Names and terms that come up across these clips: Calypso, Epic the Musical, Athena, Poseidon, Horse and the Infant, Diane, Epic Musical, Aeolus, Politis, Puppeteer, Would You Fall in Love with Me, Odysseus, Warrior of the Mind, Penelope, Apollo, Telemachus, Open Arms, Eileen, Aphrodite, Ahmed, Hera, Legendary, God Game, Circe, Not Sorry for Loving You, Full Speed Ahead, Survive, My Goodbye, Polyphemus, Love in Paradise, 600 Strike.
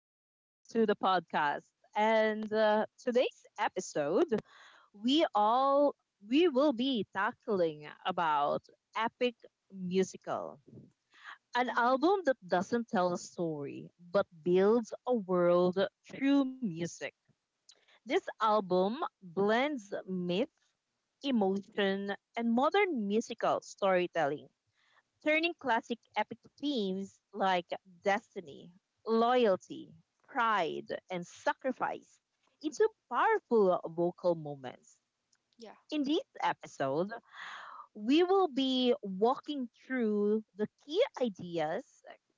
Welcome back to the podcast. And Today's episode, we all we will be tackling about epic musical, an Hmm. album that doesn't tell a story but builds a world through music. This album blends myth, emotion, and modern musical storytelling turning classic epic themes like destiny, loyalty, pride, and sacrifice into powerful vocal moments. Yeah. In this episode, we will be walking through the key ideas,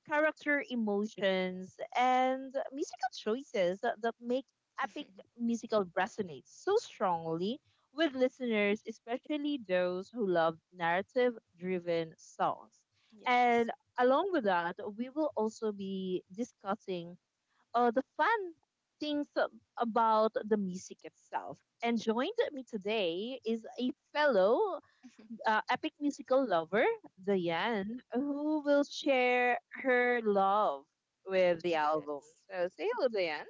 character emotions, and musical choices that make epic musical resonate so strongly with listeners, especially those who love narrative driven songs. Yes. And along with that, we will also be discussing the fun things about the music itself. And joined me today is a fellow epic musical lover, Diane, who will share her love with the album. Yes. So say hello, Diane.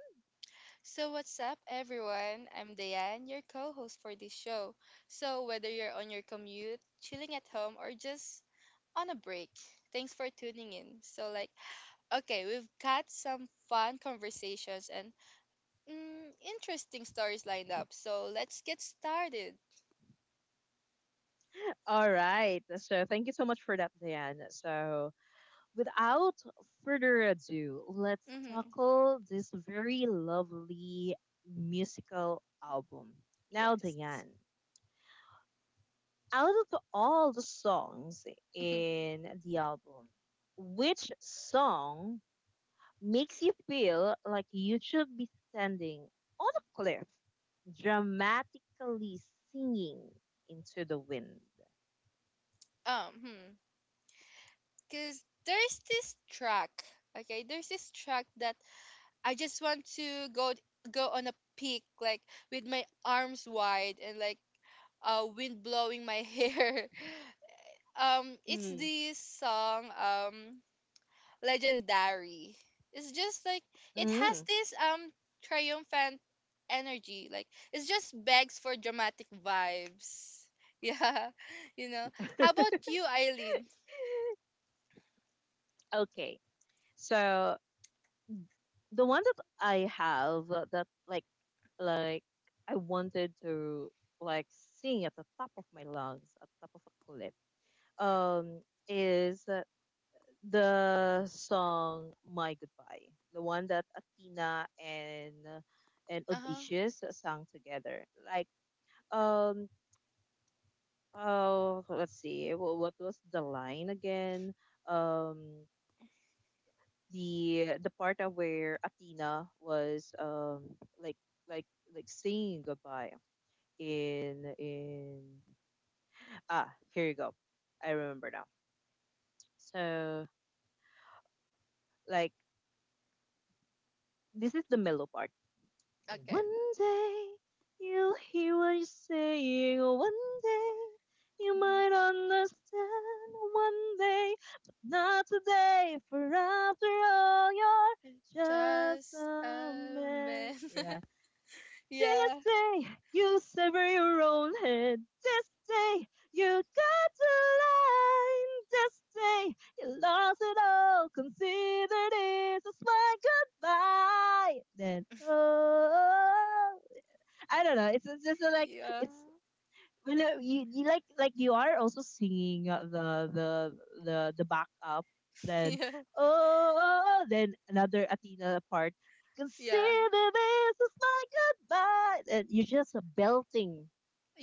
So what's up everyone? I'm Diane, your co-host for this show. So whether you're on your commute, chilling at home or just on a break, thanks for tuning in. So like, okay, we've got some fun conversations and interesting stories lined up. So let's get started. All right. So thank you so much for that, Diane. So without further ado, let's Mm-hmm. tackle this very lovely musical album. Now, Yes. Diane, out of all the songs in the album, which song makes you feel like you should be standing on a cliff, dramatically singing into the wind? um, hmm. Cause there's this track. Okay, there's this track that I just want to go on a peak, like with my arms wide, and like wind blowing my hair. It's Hmm. this song, legendary. It's just like it has Mm. this triumphant energy. Like it just begs for dramatic vibes. Yeah. You know. How about you, Eileen? okay, So the one that I have that like I wanted to like sing at the top of my lungs, at the top of a cliff, um, is the song "My Goodbye," the one that Athena and Uh-huh. Odysseus sang together. Like um oh, let's see, what was the line again? Um the part of where Athena was like like saying goodbye in ah, here you go, I remember now. So like this is the mellow part. Okay. One day you'll hear what you're saying. One day you Hmm. might understand. One day, but not today. For after all, you're just Just a a man. man. Yeah. This Yeah. day you sever your own head. This day you cut the line. This day you lost it all. Consider this as my goodbye. Then oh, I don't know. It's just like Yeah. it's well, you like you are also singing the backup. Then Yeah. oh, oh, oh," then another Athena part. Yeah. Consider this is my goodbye, and you're just belting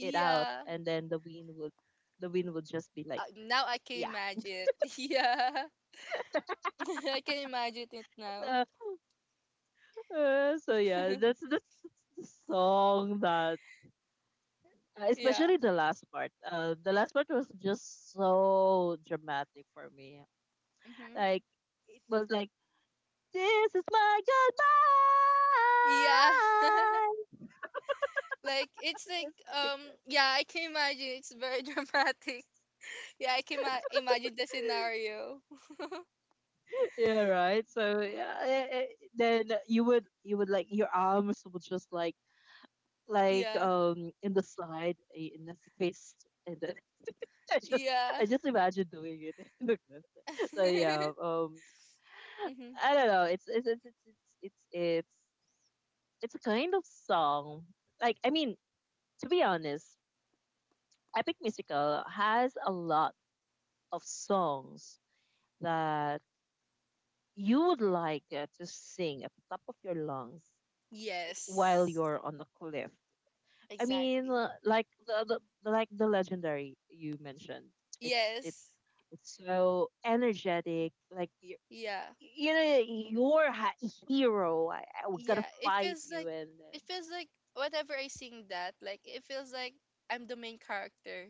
it out, and then the wind would just be like Now I can yeah. imagine it. Yeah. I can imagine it now. Uh, so yeah, that's the song that Yeah. especially the last part. The last part was just so dramatic for me. Hmm. Like it was like, this is my Yeah. Like, it's goodbye. like It's like yeah, I can imagine it's very dramatic. Yeah, I can imagine the scenario. that. Yeah, right. So yeah, then you would like your arms would just like Yeah. In the side in the fist, and then I just Yeah. I just imagine doing it. Like that. So yeah, Hmm. I don't know. It's a kind of song. I mean, to be honest, Epic Musical has a lot of songs that you would like to sing at the top of your lungs while Yes. you're on the cliff. I mean, Exactly. Like the legendary you mentioned. It's it's Yes. it's so energetic. Like Yeah. you know, you're a hero. I We gotta Yeah, fight you. And it feels like whenever I sing that, like, it feels like I'm the main character,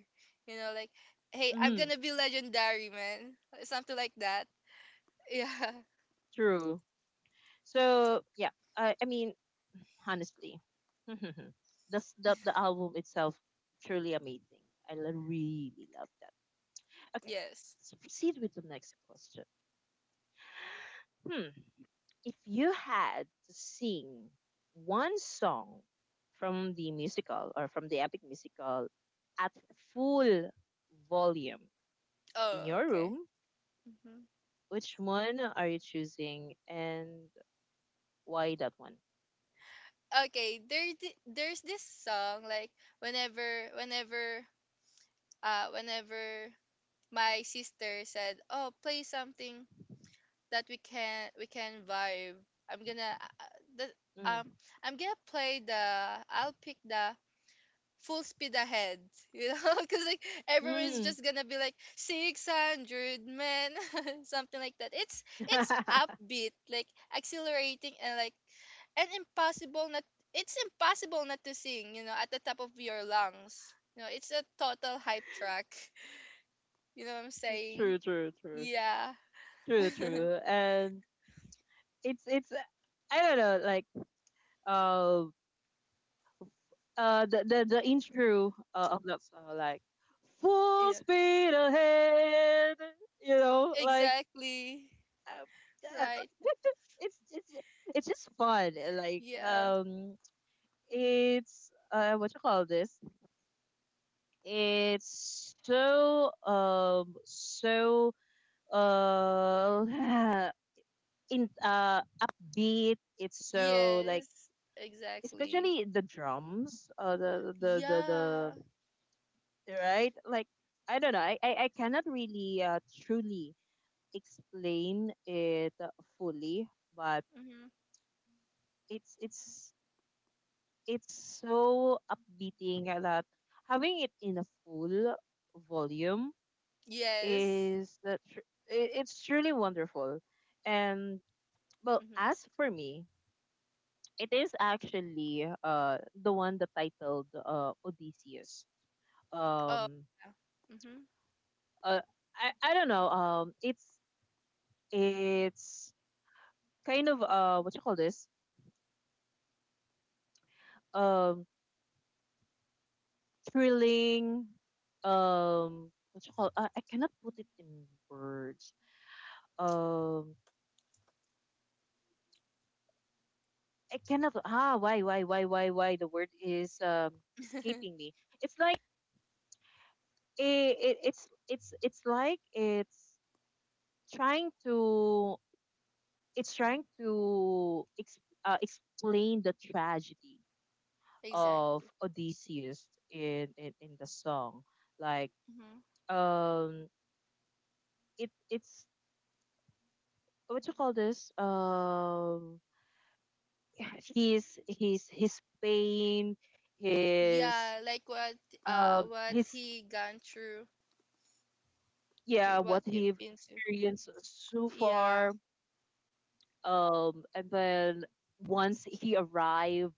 like, hey, I'm mhm, gonna be legendary, man, something like that. Yeah. true. So yeah, I mean honestly, this the album itself truly amazing. Really love that. Okay, Yes. so proceed with the next question. Hmm. If you had to sing one song from the musical or from the epic musical at full volume in Oh, your okay. room, Hmm. which one are you choosing and why that one? Okay, there, there's this song, like, whenever whenever my sister said, oh, play something that we can vibe, I'm gonna um I'm gonna play the I'll pick the full speed ahead, you know, because like everyone's Mm. just gonna be like 600 men, something like that. It's Mm. upbeat, like accelerating, and like and impossible not. It's impossible not to sing, at the top of your lungs. It's a total hype track. You know what I'm saying? true, true, true, Yeah. true. And it's I don't know, like uh, the the intro of that song like full Yeah. speed ahead, you know, like Exactly. um, Right. it's it's it's just fun Yeah. It's what you call this, it's so so uh in upbeat, it's so like, Yes. Exactly. especially the drums the Yeah. right? Like I don't know. I cannot really truly explain it fully, but Hmm. it's it's it's so upbeating that having it in a full volume Yes. is it's truly wonderful. And well, Mm-hmm. as for me, it is actually the one that titled Odysseus. Oh, Um, yeah. Mm-hmm. uh, I don't know. It's kind of what you call this, um thrilling, what you call, I cannot put it in words, um I cannot, why the word is escaping me. It's like a, it, it's like it's trying to, it's trying to ex, explain the tragedy of Exactly. Odysseus in the song. Like Mm-hmm. um it it's what you call this? Um, his pain, his Yeah, like what uh what his he gone through, yeah, what what you've he been to. experienced so Yeah, far. And then once he arrived,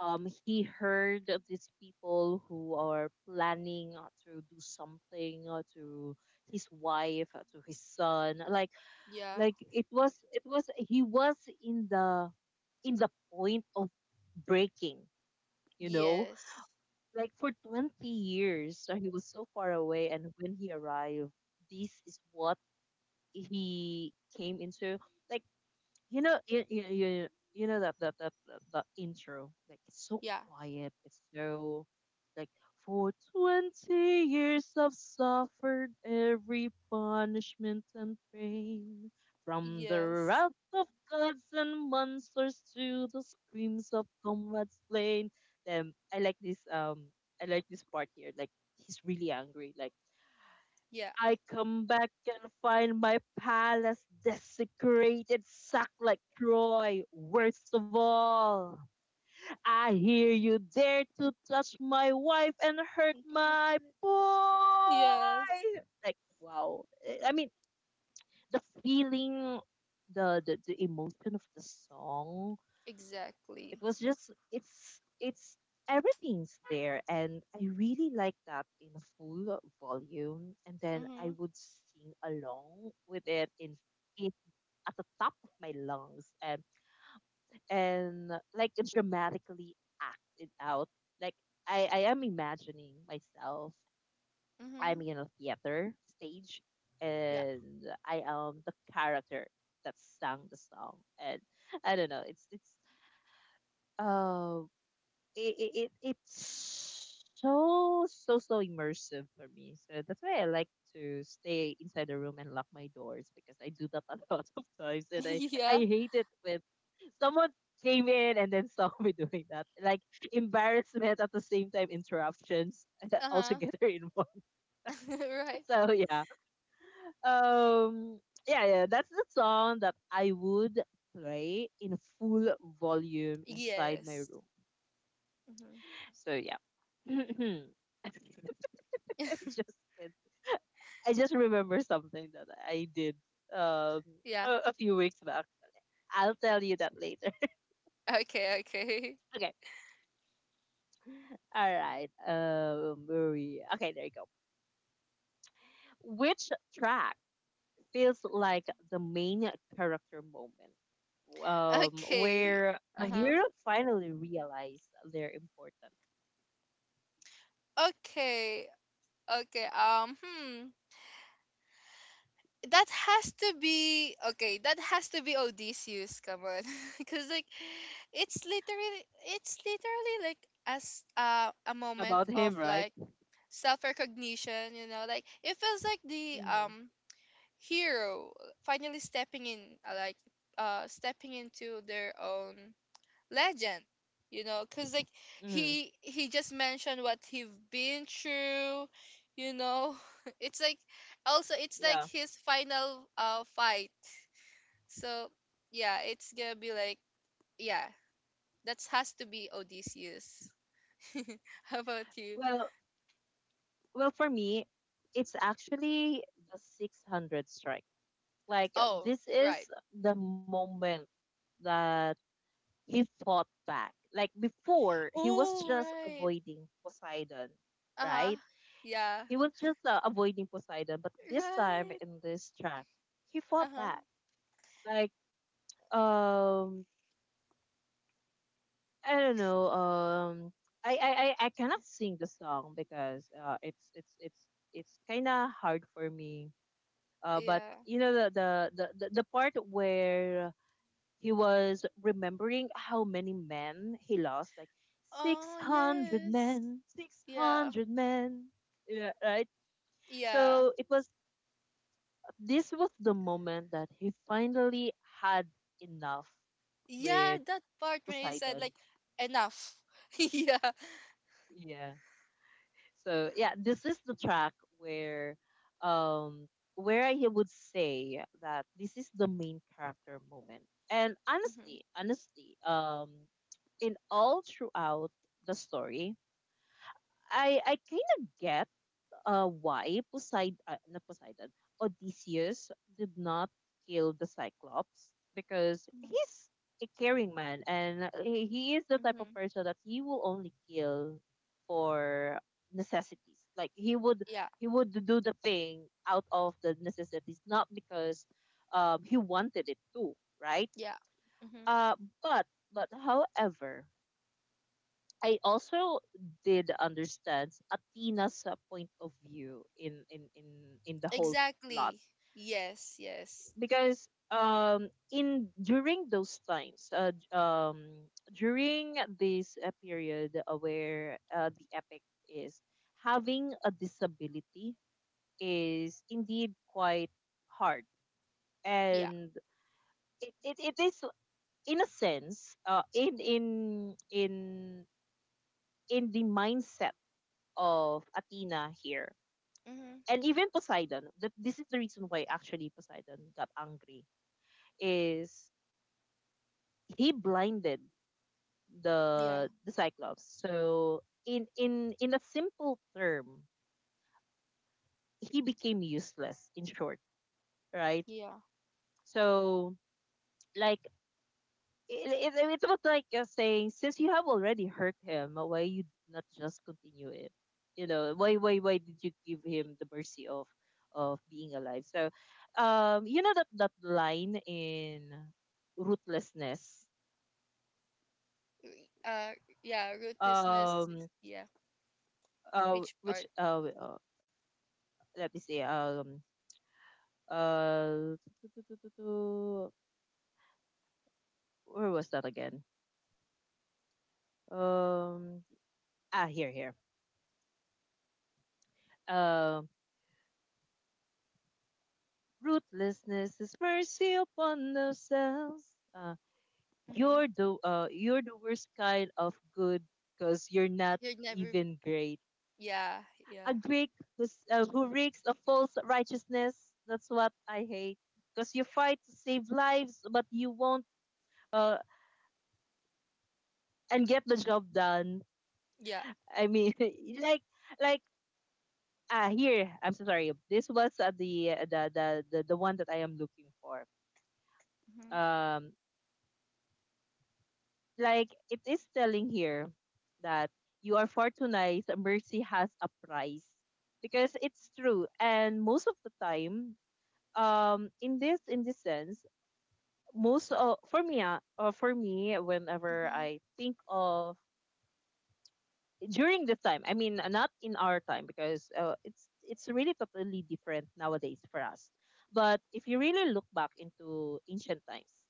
he heard of these people who are planning to do something to his wife, to his son. Yeah, It was he was in the point of breaking, you know? yes, Like for 20 years, he was so far away. And when he arrived, this is what he came into. Like, you know, you you you, you know that the intro like it's so yeah, quiet. It's so like, for 20 years I've suffered every punishment and y- pain, from the yes, wrath of gods and monsters to the screams of comrades slain. Then I like this part here. Like he's really angry. Like, yeah. I come back and find my palace desecrated, sacked like Troy. Worst of all, I hear you dare to touch my wife and hurt Thank you for my that. Yes, boy. Like, wow. I mean, the feeling, the emotion of the song, it exactly. was just it's everything's there, and I really like that in full volume, and then I Mm-hmm. would sing along with it in- at the top of my lungs, and like dramatically act it out, like I am imagining myself, I'm Mm-hmm. in a theater stage, Yeah. and I am the character that sang the song, and I don't know, it's uh it, it, it it's so immersive for me. So that's why I like to stay inside the room and lock my doors, because I do that a lot of times, and Yeah. I hate it when someone came in and then saw me doing that. Like embarrassment at the same time interruptions all Uh-huh. together in one. Right. So yeah. Um yeah, that's the song that I would play in full volume inside my Yes. room. Mm-hmm. So yeah. I just can't- I just remember something that I did um Yeah. A few weeks back. I'll tell you that later. Okay, okay. Okay. All right. Where were we, okay, there you go. Which track feels like the main character moment? Um, Okay. where a Uh-huh. hero finally realized their importance. Okay. Okay, That has to be okay. That has to be Odysseus. Come on, because like, it's literally, it's literally like as a moment About of him, right? like self recognition. Like, it feels like the Mm, hero finally stepping in, like stepping into their own legend, because like mm, he just mentioned what he've been through, you know it's like, also it's like yeah. his final fight, so yeah, it's gonna be like, yeah, that has to be Odysseus. How about you? Well, Well, for me, it's actually the 600 strike. Like, Oh, this is right. the moment that he fought back. Like, before, he was Oh, just right. avoiding Poseidon, Uh-huh. right? Yeah, He was just avoiding Poseidon, but this time right. in this track, he fought Uh-huh. back. Like, um, I don't know. Um, I I cannot sing the song because it's kind of hard for me. But Yeah. you know the the part where he was remembering how many men he lost, like six Oh, hundred yes. men, six Yeah. hundred men. Yeah, right. Yeah. So it was, this was the moment that he finally had enough Yeah, with that part when he said, Poseidon. like, enough. Yeah. Yeah. So yeah, this is the track where um I would say that this is the main character moment. And Mm-hmm. Honestly, in all throughout the story, I kind of get why Poseidon, not Poseidon, Odysseus did not kill the Cyclops, because he's a caring man, and he is the type of Mm-hmm. person that he will only kill for necessities. Like Yeah. he would do the thing out of the necessities, not because he wanted it to, right? Yeah. Mm-hmm. Uh, but but however, I also did understand Atina's point of view in the whole lot, Exactly. Yes. Yes. because in during those times, during this period where the epic is, having a disability is indeed quite hard, Yeah. and it is in a sense, in in the mindset of Athena here Mm-hmm. and even Poseidon. That this is the reason why actually Poseidon got angry is he blinded Yeah. The Cyclops. So in a simple term, he became useless. In short, right? Yeah. So like it's about like saying since you have already hurt him, why you did not just continue it? Why did you give him the mercy of being alive? So that line in ruthlessness. Uh. Yeah. Ruthlessness. Um Yeah. Which which part? Let me see. Um uh where was that again? um ah, here, here. um. Ruthlessness is mercy upon themselves. Mm-hmm. You're the you're the worst kind of good, because you're not You're never. even great. Yeah. A Yeah. Greek who's, who reeks of false righteousness. That's what I hate. Because you fight to save lives, but you won't uh, and get the job done. Yeah. I mean, like like ah, here. I'm so sorry. This was the, the one that I am looking for. Mm-hmm. Um, like it is telling here that you are fortunate. Mercy has a price, because it's true. And most of the time, in this sense, most of, for me, for me, whenever Mm-hmm. I think of during the time, I mean, not in our time, because it's really totally different nowadays for us. But if you really look back into ancient times,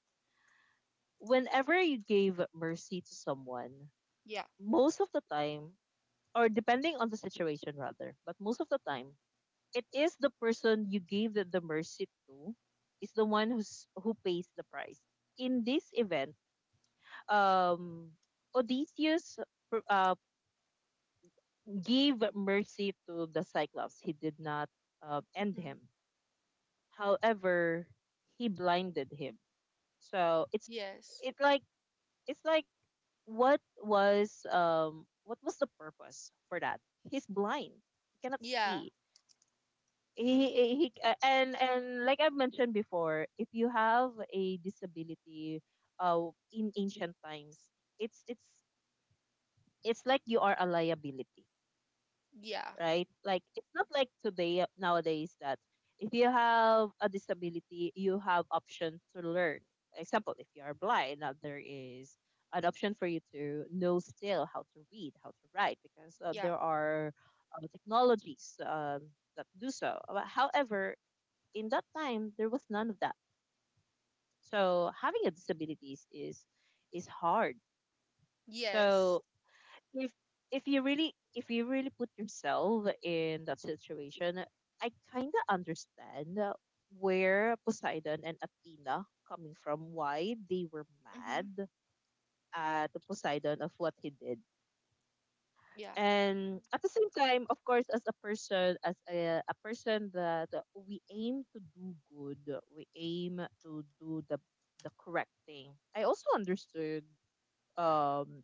whenever you gave mercy to someone, Yeah. most of the time, or depending on the situation rather, but most of the time it is the person you gave the mercy to is the one who's who pays the price. In this event, um Odysseus, uh, gave mercy to the Cyclops. He did not, end Mm-hmm. him. However, he blinded him. So it's, Yes. it like it's like, what was the purpose for that? He's blind, he cannot Yeah. see. Mm-hmm. He And, like I've mentioned before, if you have a disability, in ancient times, it's it's it's like you are a liability, Yeah. right? Like, it's not like today, nowadays, that if you have a disability, you have option to learn. Example, if you are blind, now there is an option for you to know still how to read, how to write, because Yeah. there are, technologies, that do so. However, in that time there was none of that. So having a disabilities is hard. Yes. So if, you really, put yourself in that situation, I kind of understand where Poseidon and Athena coming from, why they were Mm-hmm. mad at Poseidon of what he did. Yeah. And at the same time, of course, as a person, a person that we aim to do good, we aim to do the, correct thing. I also understood, um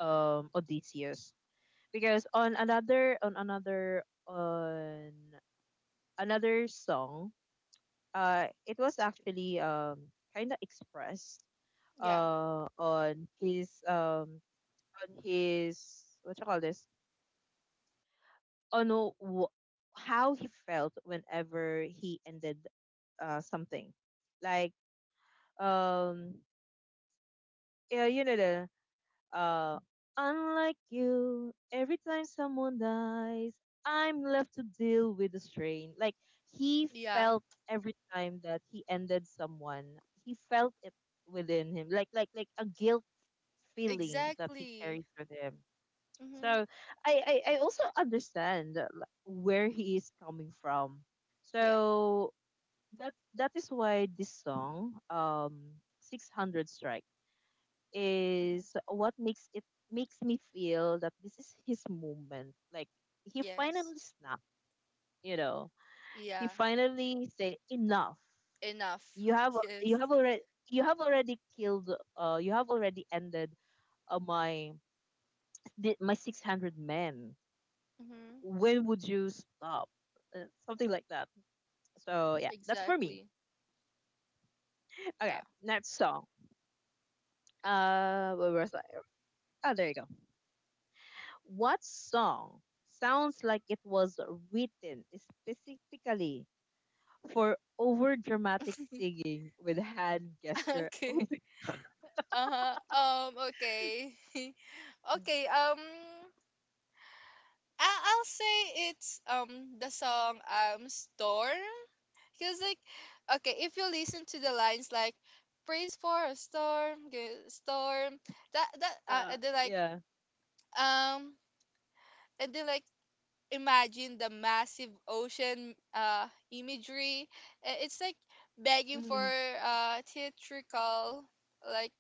Odysseus, because on another, on another song, it was actually, kind of expressed, Yeah. On his, on his, what you call this, on wh- how he felt whenever he ended, something. Like, um, yeah, uh, unlike you, every time someone dies, I'm left to deal with the strain. Like, he Yeah. felt every time that he ended someone, he felt it within him, like, like a guilt feeling that he Exactly. carries with him. Mm-hmm. So I also understand, where he is coming from. Yeah. So that is why this song, 600 Strike, is what makes it makes me feel that this is his moment. Like, he Yes. finally snapped, you know. He Yeah. finally said enough. Enough. You have you Yes. have already, killed, you have already ended, uh, my my 600 men. Mm-hmm. When would you stop? Uh, Something like that. So yeah, that's for me. Exactly. Yeah. Okay, next song. Where was I? Oh, there you go. What song sounds like it was written specifically for over dramatic singing with hand gesture Okay. only? Uh-huh. Okay. Okay, I'll say it's, the song, Storm. Cause like, okay, if you listen to the lines like, praise for a storm, storm, that, Uh, and then like, yeah. um and then like, imagine the massive ocean, imagery. It's like begging for, hmm theatrical, like,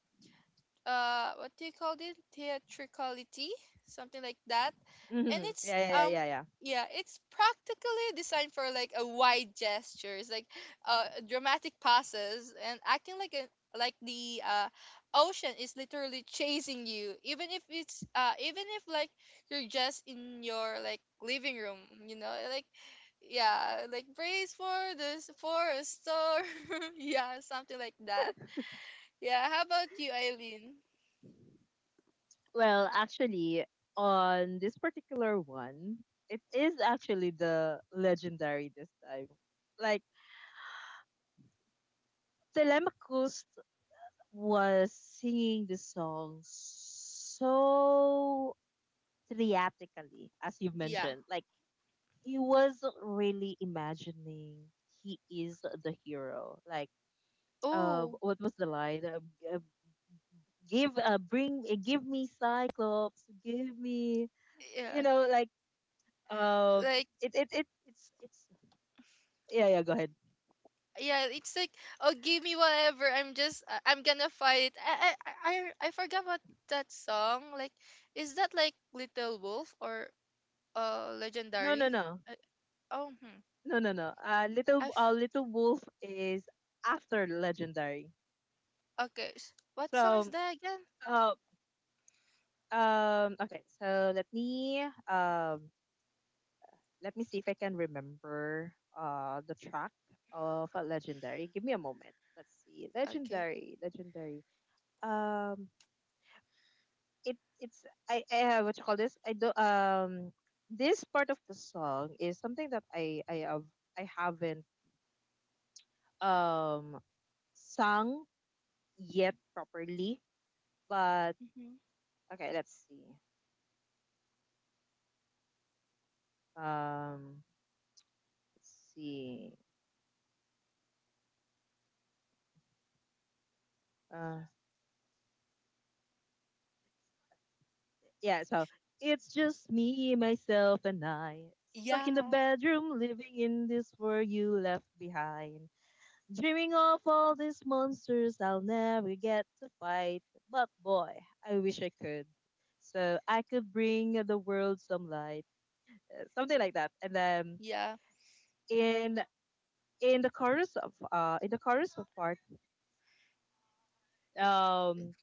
what do you call it? Theatricality, something like that. And it's, Yeah, yeah, yeah, yeah, yeah. yeah, it's practically designed for like a wide gestures, like dramatic passes and acting like an like the ocean is literally chasing you, even if like you're just in your, like, living room, like, yeah, like, brace for this, for a storm. Yeah, something like that. Yeah. How about you, Eileen? Well, actually, on this particular one, it is actually the legendary this time. Like, Telemachus was singing the song so theatrically, as you Yeah. mentioned. Like, he was really imagining he is the hero. Like, Oh, what was the line? Uh, give, bring, give me Cyclops. Give me, you yeah. know, like, uh, Like, it's. Yeah, yeah. Go ahead. yeah, it's like, oh, give me whatever, I'm just, I'm gonna fight. I, I forgot about that song, like, is that like little wolf or No, no, legendary? no, I, oh, hmm. no, no, no. Uh, little, I've, uh, little wolf is after legendary. okay, what So song is that again? Uh, okay, so let me, let me see if I can remember the track of a legendary. Give me a moment. Let's see. Okay. Legendary, legendary. Um it it's I what you call this? I do, this part of the song is something that I have, I haven't, um sung yet properly. But Hmm. okay, let's see. Um let's see. Uh, Yeah, so it's just me, myself, and I. Stuck in the Yeah, bedroom, living in this world you left behind. Dreaming of all these monsters I'll never get to fight. But boy, I wish I could. So I could bring the world some light. Something like that. And then yeah. in in the chorus of part, I- um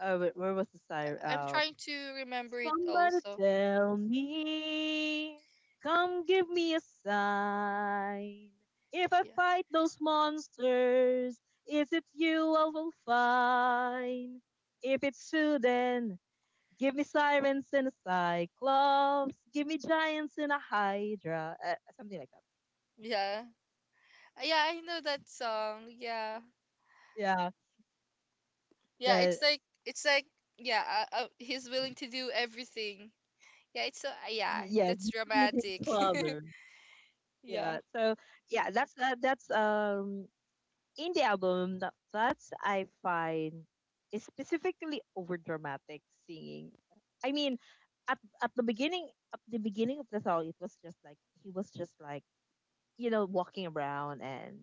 where was the I'm siren? trying to remember it Somebody also. tell me, come give me a sign. If I Yeah. fight those monsters, is it you I will find? If it's true, then give me sirens and a cyclops, give me giants and a hydra, something like that. Yeah, yeah, I know that song. Yeah. Yeah, Yeah, that it's like, yeah, he's willing to do everything. Yeah, it's so, yeah, yes, that's meet his dramatic. father. Yeah, Yeah. so yeah, that's, that's, in the album that's I find is specifically over dramatic singing. I mean, at at the beginning of the song it was just like, he was just like, you know, walking around and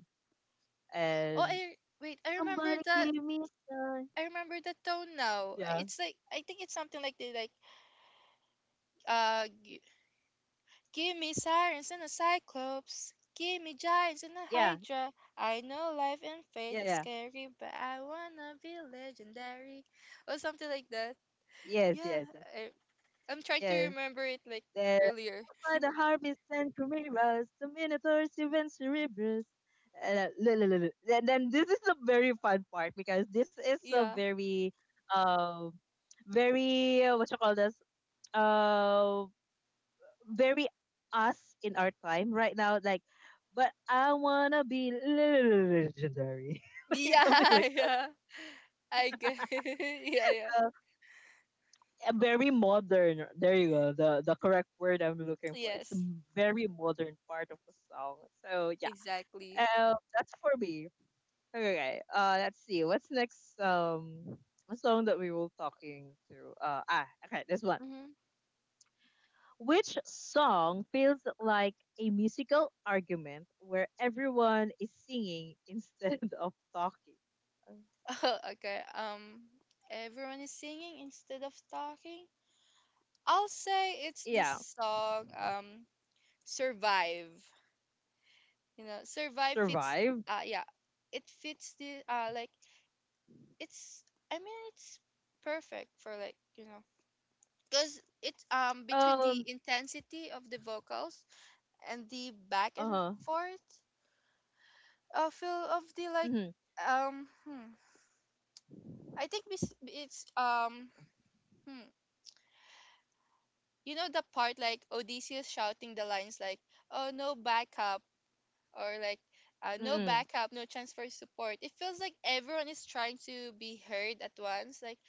Oh, and I wait. I remember somebody the, give me some. Tone now. Yeah. It's like, I think it's something like the like, uh, g- give me sirens and a cyclops, give me giants and a Yeah. hydra. I know life and fate are Yeah yeah. scary, but I wanna be legendary, or something like that. Yes, Yeah, yes, I, I'm yes. trying to remember it yes. like by earlier. the harvest and chimeras, the minotaurs, even cerebrus. And, and then this is the very fun part, because this is so Yeah. very, um, very, what you call this, uh, very us in our time right now. Like, but I wanna be legendary, like something Yeah, like that. yeah. I get. Yeah, yeah. Uh, Very modern. There you go. The correct word I'm looking for. It's a Yes. very modern part of the song. So yeah. Exactly. That's for me. Okay. Let's see. What's next? A song that we were talking to. Ah, okay. This one. Mm-hmm. Which song feels like a musical argument where everyone is singing instead of talking? Uh, Okay. Everyone is singing instead of talking. I'll say it's this Yeah. song. Survive. Survive fits. Survive. Yeah, it fits the. Like it's. I mean, it's perfect for like, cause it's between the Um. intensity of the vocals and the back Uh and huh. forth, feel of the, like, Mm-hmm, Hmm, I think it's Hmm, you know the part like Odysseus shouting the lines like, "Oh no backup," or like, "No mm-hmm. backup, no transfer support." It feels like everyone is trying to be heard at once, like,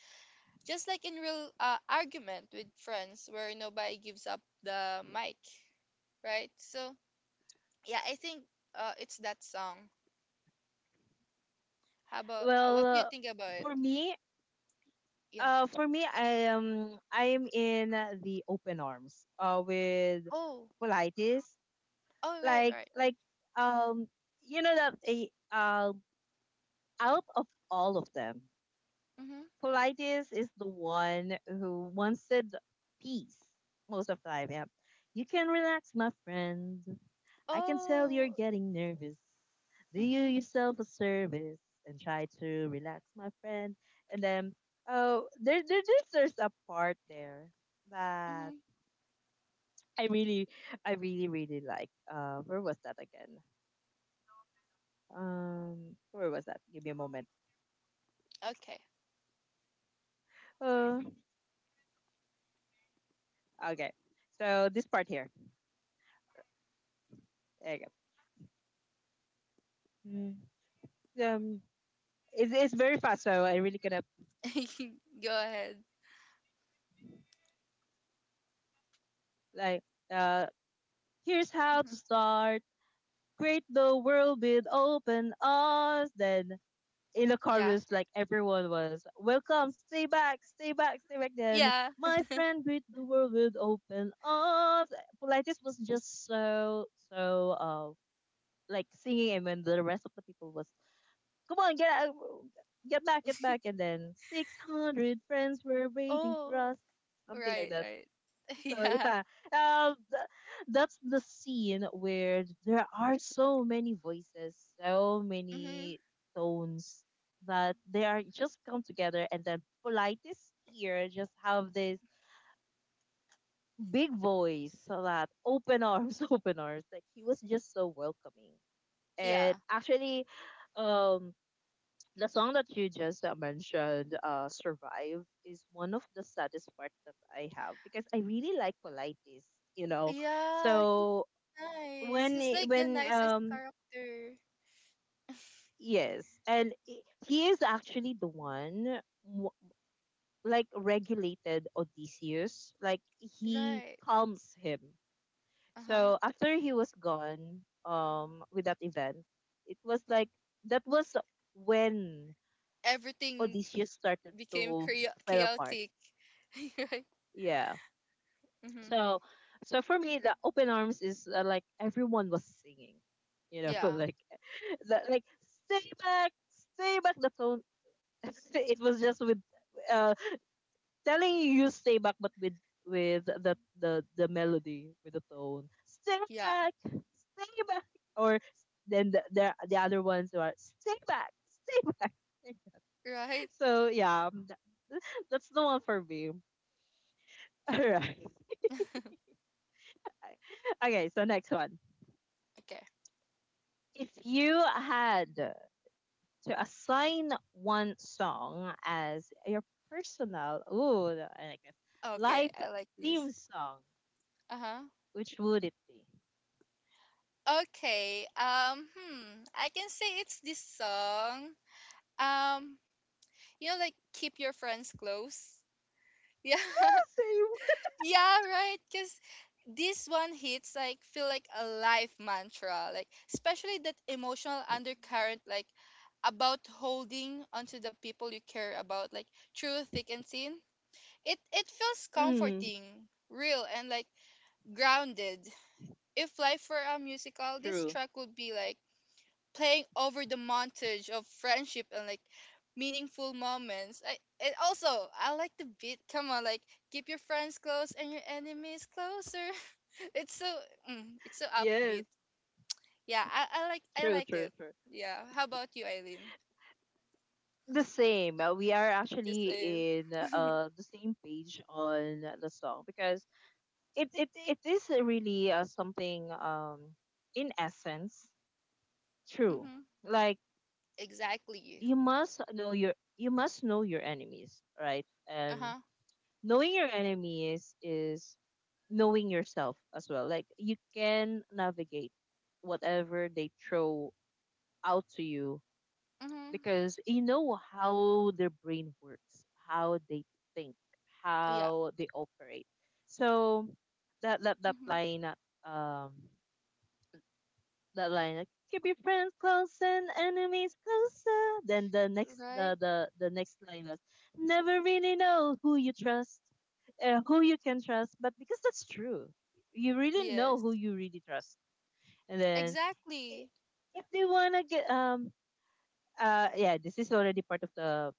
just like in real, argument with friends where nobody gives up the mic, right? So yeah, I think, it's that song. How about, Well, what do you think about it? for me, Yeah. For me, I am in, the open arms. With Oh. Colitis. Oh, right, like right, right. like um you know that a, um out of all of them, Mhm. Politis is the one who wanted peace most of the time. Yeah, you can relax, my friend, I can tell you're Oh. getting nervous, do you Mhm. yourself a service and try to relax, my friend. And then, oh, there, there's a part there that Mhm. I really, really like. Where was that again? Where was that? Give me a moment. Okay. Uh, okay. So this part here. There you go. Mm, Um, it's, very fast, so I really cannot Go ahead. like. Uh, Here's how Mhm. to start. Great the world with open arms. Then in the Yeah. chorus, like, everyone was welcome. Stay back, stay back, stay back. Then, Yeah. my friend, greet the world with open arms. Politis was just so, so like singing, and when the rest of the people was: come on, get out, get back, and then 600 friends were waiting for Oh, us, something like right, that. right. So Yeah. yeah, um, th- that's the scene where there are so many voices, so Mm-hmm. many tones, that they are just come together, and then politest here just have this big voice, so that open arms, open arms. Like, he was just so welcoming, Yeah. and actually, um the song that you just, mentioned, "Survive," is one of the saddest part that I have because I really like Politis, you know. Yeah, he's So nice. He's like the when, nicest character. yes, and he is actually the one, w- like regulated Odysseus, like he Right. calms him. Uh-huh. So after he was gone, with that event, it was like that was when Everything Odysseus started became to fell apart. chaotic. Right. Yeah. Mm-hmm. So, so for me, the open arms is, like everyone was singing, you know, Yeah. like, like, stay back, stay back. The tone, it was just with, uh, telling you, you stay back, but with, the the melody, with the tone, Yeah. Stay back, or then the other ones who are stay back, stay back. Right. So yeah, that's the one for me. All right. Okay, so next one. Okay. If you had to assign one song as your personal, ooh, I like this, Okay, life I like this. theme song, Uh-huh. which would it be? Okay. Hmm. I can say it's this song. Um, like, keep your friends close. Yeah. Yeah, right. Because this one hits like feel like a life mantra, like, especially that emotional undercurrent, like, about holding onto the people you care about, like, through thick and thin. It feels Same. Comforting, real, and like grounded. If life were a musical, this True. track would be like playing over the montage of friendship and like meaningful moments. I and also, I like the beat. Come on, like, keep your friends close and your enemies closer. It's so, it's so upbeat. Yes. Yeah, I True, like true, it. true. Yeah. How about you, Eileen? The same. We are The actually in, same. The same page on the song because it is really, something, in essence true. Mm-hmm. Like Exactly. you must know your enemies, right? Uh And huh. knowing your enemies is knowing yourself as well. Like, you can navigate whatever they throw out to you Mm-hmm. because you know how their brain works, how they think, Yeah. how they operate. So that that that Mm-hmm. line um that line like, "Keep your friends close and enemies closer." Then the next Right. the the, the next line was, "Never really know who you trust," who you can trust. But because that's true, you really know Yes. who you really trust. And then i- Exactly. if they wanna get yeah, this is already part of the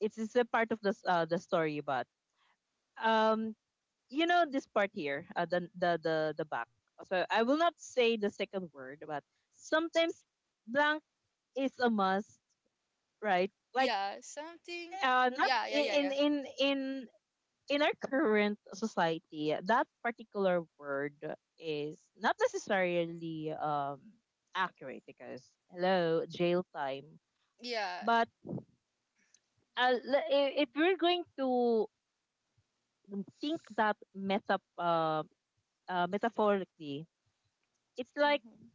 it's is a part of the s- the story, but um you know this part here, the back. So I will not say the second word, but sometimes blank is a must, right? Like, Yeah. Something. Not Yeah. Yeah. Yeah. Yeah. In in our current society, that particular word is not necessarily accurate because hello jail time. Yeah. But if we're going to think that metaphorically, it's like Mm-hmm.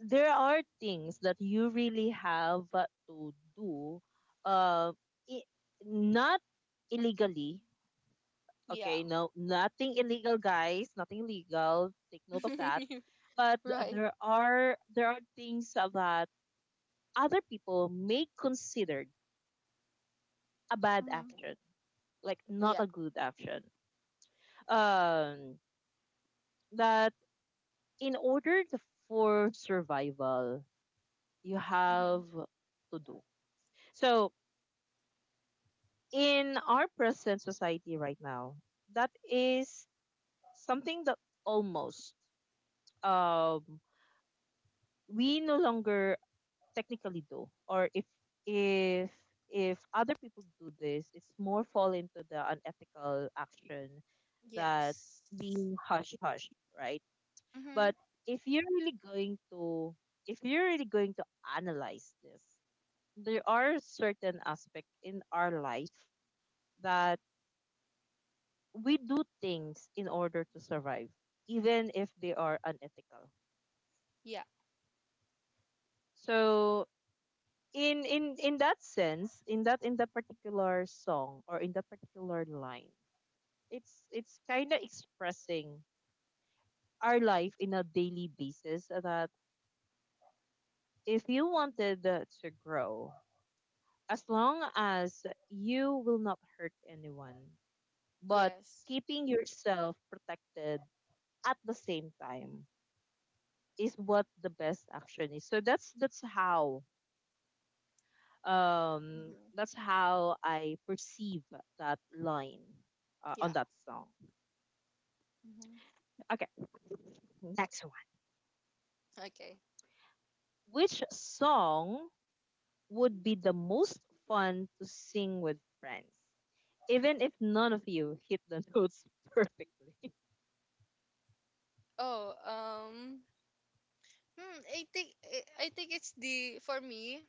there are things that you really have to do, uh, i- not illegally. Yeah. Okay, no, nothing illegal, guys. Nothing illegal. Take note of that. But Right. there are things that other people may consider a bad Hmm. action, like not Yeah. a good action. Um, that, in order to, for survival, you Hmm. have to do. So in our present society right now, that is something that almost, um, we no longer technically do. Or if, if if other people do this, it's more fall into the unethical action, that Yes. being hush hush, right? But Hmm. if you're really going to if you're really going to analyze this, there are certain aspects in our life that we do things in order to survive even if they are unethical. Yeah. So in that sense, in the particular song or in the particular line, it's kind of expressing our life in a daily basis that if you wanted, to grow, as long as you will not hurt anyone, but Yes. keeping yourself protected at the same time, is what the best action is. So that's that's how um Hmm. that's how I perceive that line on Yeah. that song. Hmm. Okay, next one. Okay. Which song would be the most fun to sing with friends even if none of you hit the notes perfectly? Oh, I think, I think it's the, for me.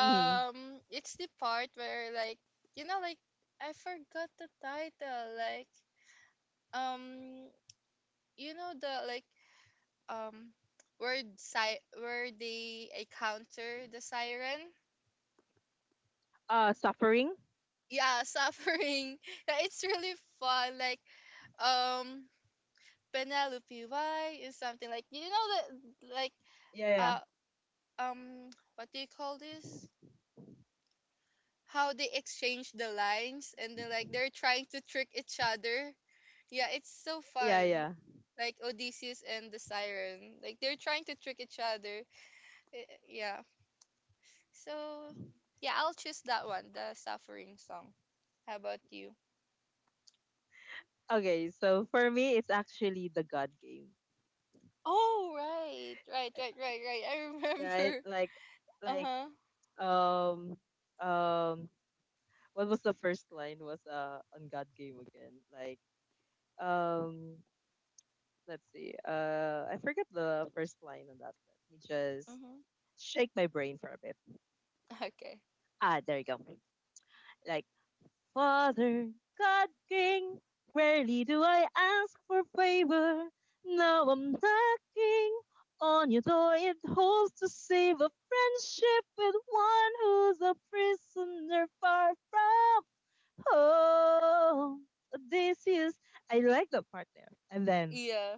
Hmm. It's the part where, like, like, I forgot the title, like, um the, like, um where, si where they encounter the siren. Suffering. Yeah, suffering. Yeah, it's really fun, like, um Penelope why is, something like, you know that like, Yeah, yeah, uh um what do you call this, how they exchange the lines and then like they're trying to trick each other. Yeah, it's so yeah, fun, yeah. like Odysseus and the siren, like, they're trying to trick each other. Yeah, so yeah, I'll choose that one, the suffering song. How about you? Okay, so for me it's actually the God Game, Oh, right, right, right, right, right. I right? remember. Like, Uh like huh. um um what was the first line was on God Game again. Like, um let's see. I forget the first line on that. Let me just Mhm. shake my brain for a bit. Okay. Ah, there you go. Like, "Father God King, rarely do I ask for favor. Now I'm knocking on your door. It holds to save a friendship with one who's a prisoner far from—" Oh, this is, I like the part there. And then, Yeah.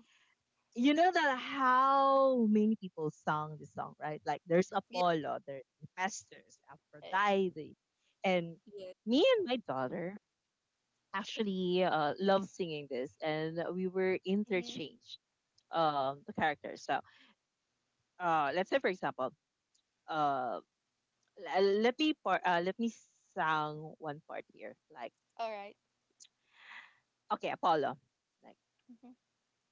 you know that how many people sung this song, right? Like, there's Yeah. Apollo, there's Hephaestus, eh, Aphrodite. And Yeah. me and my daughter actually love singing this, and we were Mhm. interchanged the characters. So let's say, for example, uh, let me sing one part here. Like, All right. okay, Apollo. Like, Mhm.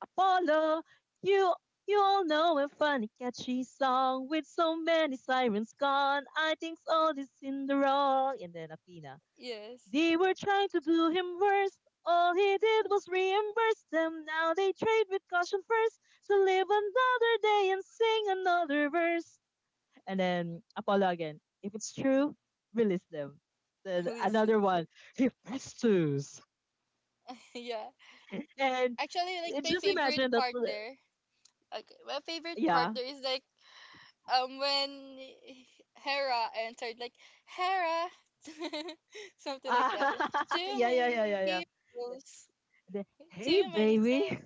"Apollo, you you all know a funny catchy song with so many sirens gone. I think all is in the wrong." And then Athena, Yes. "They were trying to do him worse. All he did was reimburse them. Now they trade with caution first. So live another day and sing another verse." And then Apollo again, "If it's true, release them." Then another Listen. one. He pursues. Yeah. And Actually, like, my just favorite imagine that. part there. Okay. My favorite part Yeah. there is like, when Hera answered like, Hera, something like Ah, that. Too yeah, yeah, yeah, many yeah, yeah. heroes. The, "Hey, Too many things. baby."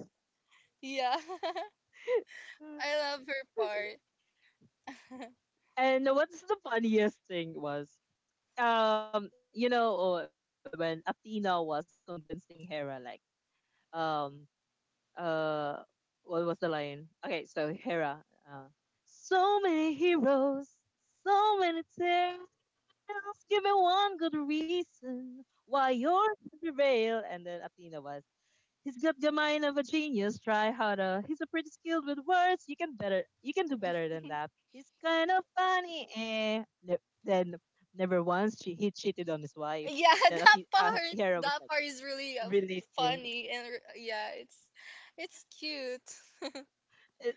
Yeah. I love her part. And what's the funniest thing was, when Athena was convincing Hera, like, um, uh, what was the line? Okay, so Hera, uh, "So many heroes, so many tales. Give me one good reason why yours should prevail." And then Athena was, "He's got the mind of a genius. Try harder. He's a pretty skilled with words. You can better. You can do better than that. He's kind of funny." Eh. Ne- then "Never once she he cheated on his wife." Yeah, And then I that think part, Hera was like, is really, "Release him." funny and, yeah, it's cute. Uh,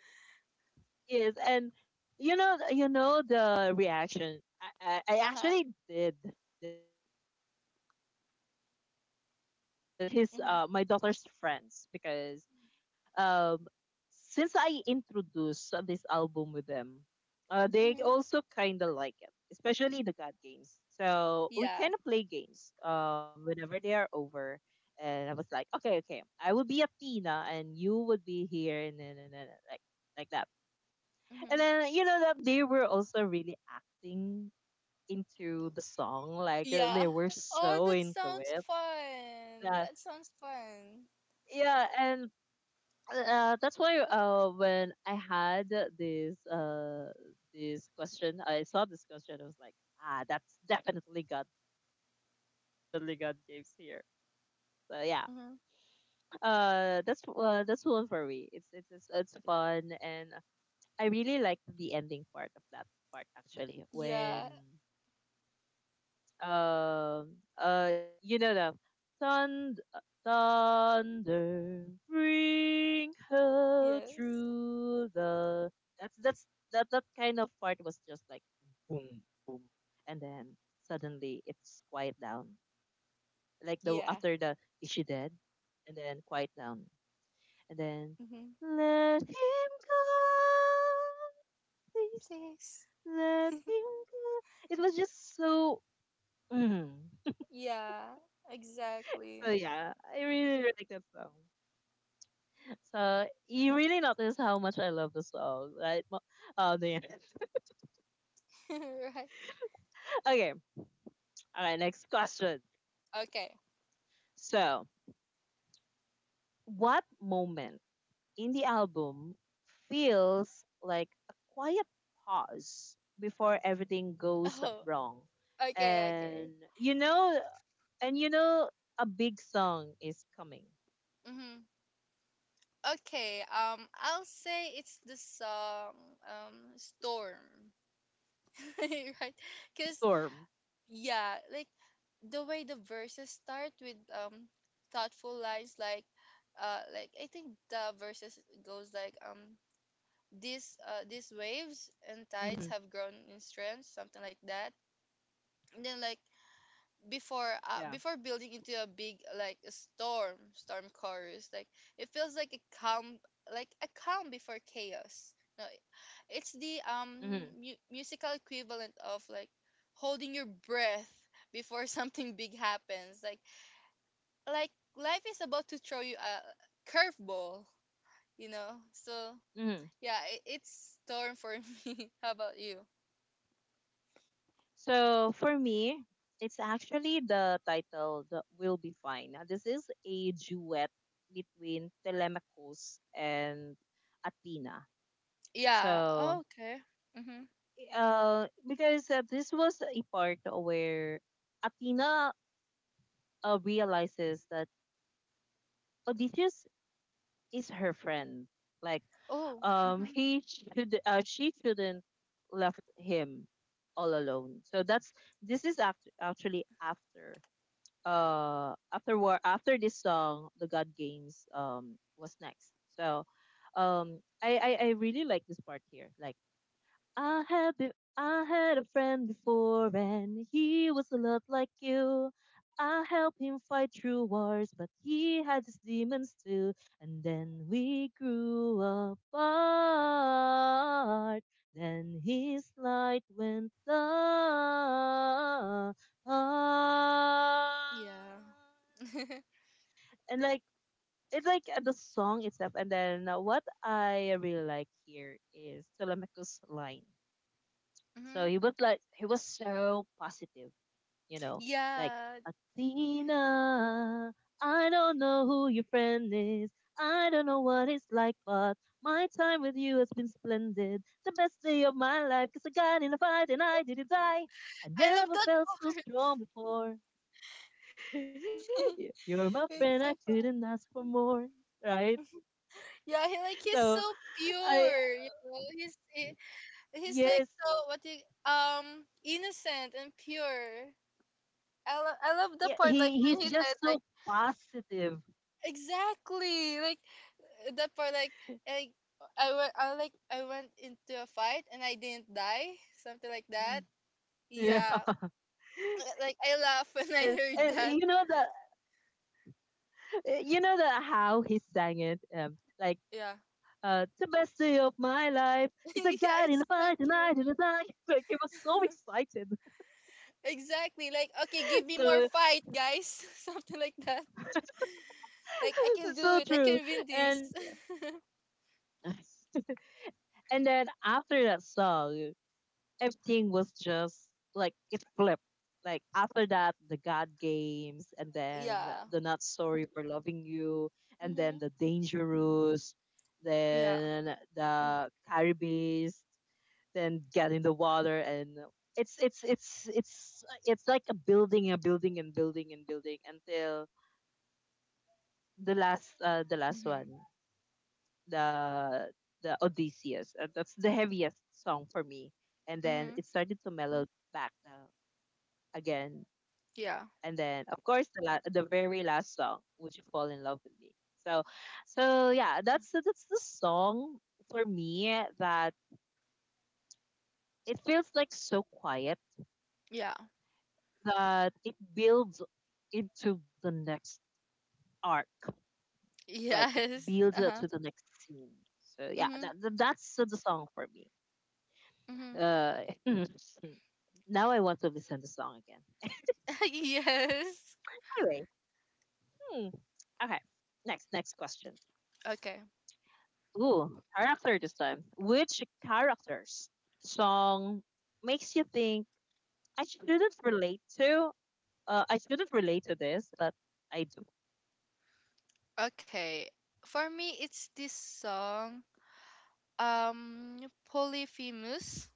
yes, and you know the reaction. I Uh-huh. actually did this, not just with my daughter, but with his Mhm. My daughter's friends because, um, since I introduced this album with them, they Mhm. also kind of like it, especially the God games. So we Yeah. kind of play games whenever they are over. And I was like, okay, okay, I will be Athena and you would be here, and then like that. And Mhm. then you know that they were also really acting into the song, like, Yeah. they were Oh, so that into sounds it. fun. Uh, That sounds fun. yeah, and that's why when I had this uh, this question, I saw this question. I was like, that's definitely God games. That's definitely God games here. So yeah, Mhm. That's one for me. It's fun, and I really liked the ending part of that part actually when— Yeah. Um, uh, you know the thunder, thunder, bring her Yes. through the— That's that's that kind of part was just like boom, and then suddenly it's quiet down. Like the Yeah. after the, "Is she dead?" and then quiet down, and then, Mhm. "Let him go, please Please. let him go." It was just so. Mm. Yeah. Exactly. So yeah, I really really like that song. So you really notice how much I love the song, right? Oh, the— Right. Okay, all right. Next question. Okay. So, what moment in the album feels like a quiet pause before everything goes Oh. wrong? Okay. Okay. And you know, and you know, a big song is coming. Mhm. Okay, I'll say it's the song, um Storm. Right? Cuz Storm. yeah, like the way the verses start with, thoughtful lines like, like, I think the verses goes like, this these waves and Hmm. tides have grown in strength, something like that. And then like, Yeah. Before building into a big, like, a storm chorus, like, it feels like a calm, before chaos. No, it's the Hmm. Musical equivalent of, like, holding your breath before something big happens, like life is about to throw you a curveball, so Hmm. yeah, it's storm for me. How about you? So for me, it's actually the title that will be fine. Now, this is a duet between Telemachus and Athena. Yeah. So Okay. Mhm. Because this was a part where Athena realizes that Odysseus is her friend. Like, Oh. Mhm. he should she shouldn't left him all alone. So that's this is actually after. After war, after this song, the God games was next. So I really like this part here. Like, I had a friend before and he was a lot like you. I helped him fight through wars, but he had his demons too. And then we grew apart. Then his light went down. And Yeah. like, it's like, the song itself. And then what I really like here is Telemachus line. So Mhm. he was like, he was so positive, you know, like, Yeah, "Athena. I don't know who your friend is. I don't know what it's like, but my time with you has been splendid. The best day of my life, cause I got in a fight and I didn't die. I I love never that felt so part. strong before. You're my friend, I It's so couldn't ask fun. for more." Right? Yeah, he like he's so So I pure. You know, he's he, he's like Yes, so what you innocent and pure. I love the yeah, part like he when he's he said just so like positive. exactly like that part like I went into a fight and I didn't die something like Mm. that. Yeah, like I laugh when I and, heard and that. You know the how he sang it, like, Yeah, the best day of my life because I yeah, got in a it's so fight and I cute. didn't die. Like, he was so excited. Exactly. Like, okay, give me more So fight, guys. Something like that. Like, I can do so it. I true. can win And this. and then after that song, everything was just like it flipped. Like, after that, the god games, and then yeah. the Not Sorry for Loving You, and then Mm-hmm. the Dangerous, Yeah. then the Caribbees, then Get in the Water, and it's it's it's it's it's like a building, and building, and building, until the last Mm-hmm. one. The the Odysseus, that's the heaviest song for me, and then Mm-hmm. it started to mellow back, again. Yeah. And then of course the very last song, "Would You Fall in Love With Me?" So so yeah, that's the song for me, that it feels like so quiet Yeah. that it builds into the next arc. Like, it Yes. builds up to the Uh-huh. next scene. So yeah, that, Mm-hmm. that- that's the song for me. Mm-hmm. Uh, Now I want to listen to the song again. yes. Anyway, hmm, okay. Next question. Okay. Ooh, character this time. Which character's song makes you think, "I shouldn't relate to?" I shouldn't relate to this, but I do. Okay. For me, it's this song. Um, Polyphemus.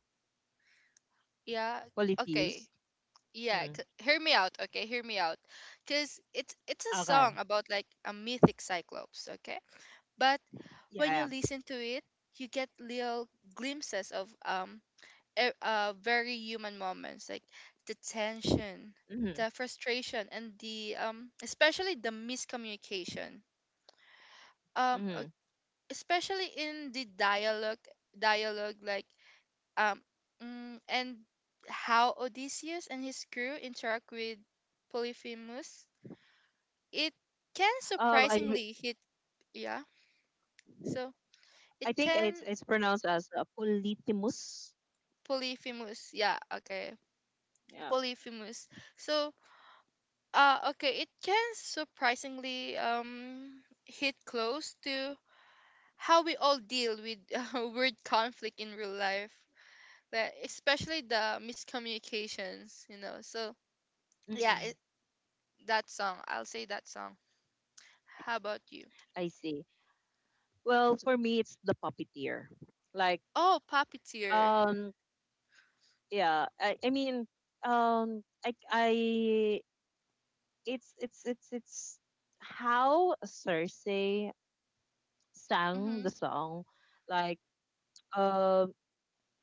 Yeah. Polytheus. Okay. Yeah. Mm. Hear me out. Okay. Hear me out. Cause it's a Okay. song about like a mythic cyclops. Okay. But when you Yeah. listen to it, you get little glimpses of very human moments like the tension, Yeah. Mm-hmm. the frustration, and the especially the miscommunication. Um, uh, Mm-hmm. especially in the dialogue, dialogue like um and how Odysseus and his crew interact with Polyphemus. It can Um, I re- surprisingly hit yeah. So it I think it's can it's pronounced as Politimus. Polyphemus. Yeah, okay. Yeah. Polyphemus. So, okay, it can surprisingly hit close to how we all deal with word conflict in real life, like, especially the miscommunications, you know. So, yeah, hmm that song, I'll say that song. How about you? I see. Well, for me, it's the puppeteer. Like, Oh, puppeteer. um, yeah. I mean, I it's how Cersei sang Mm-hmm. the song. Like, um,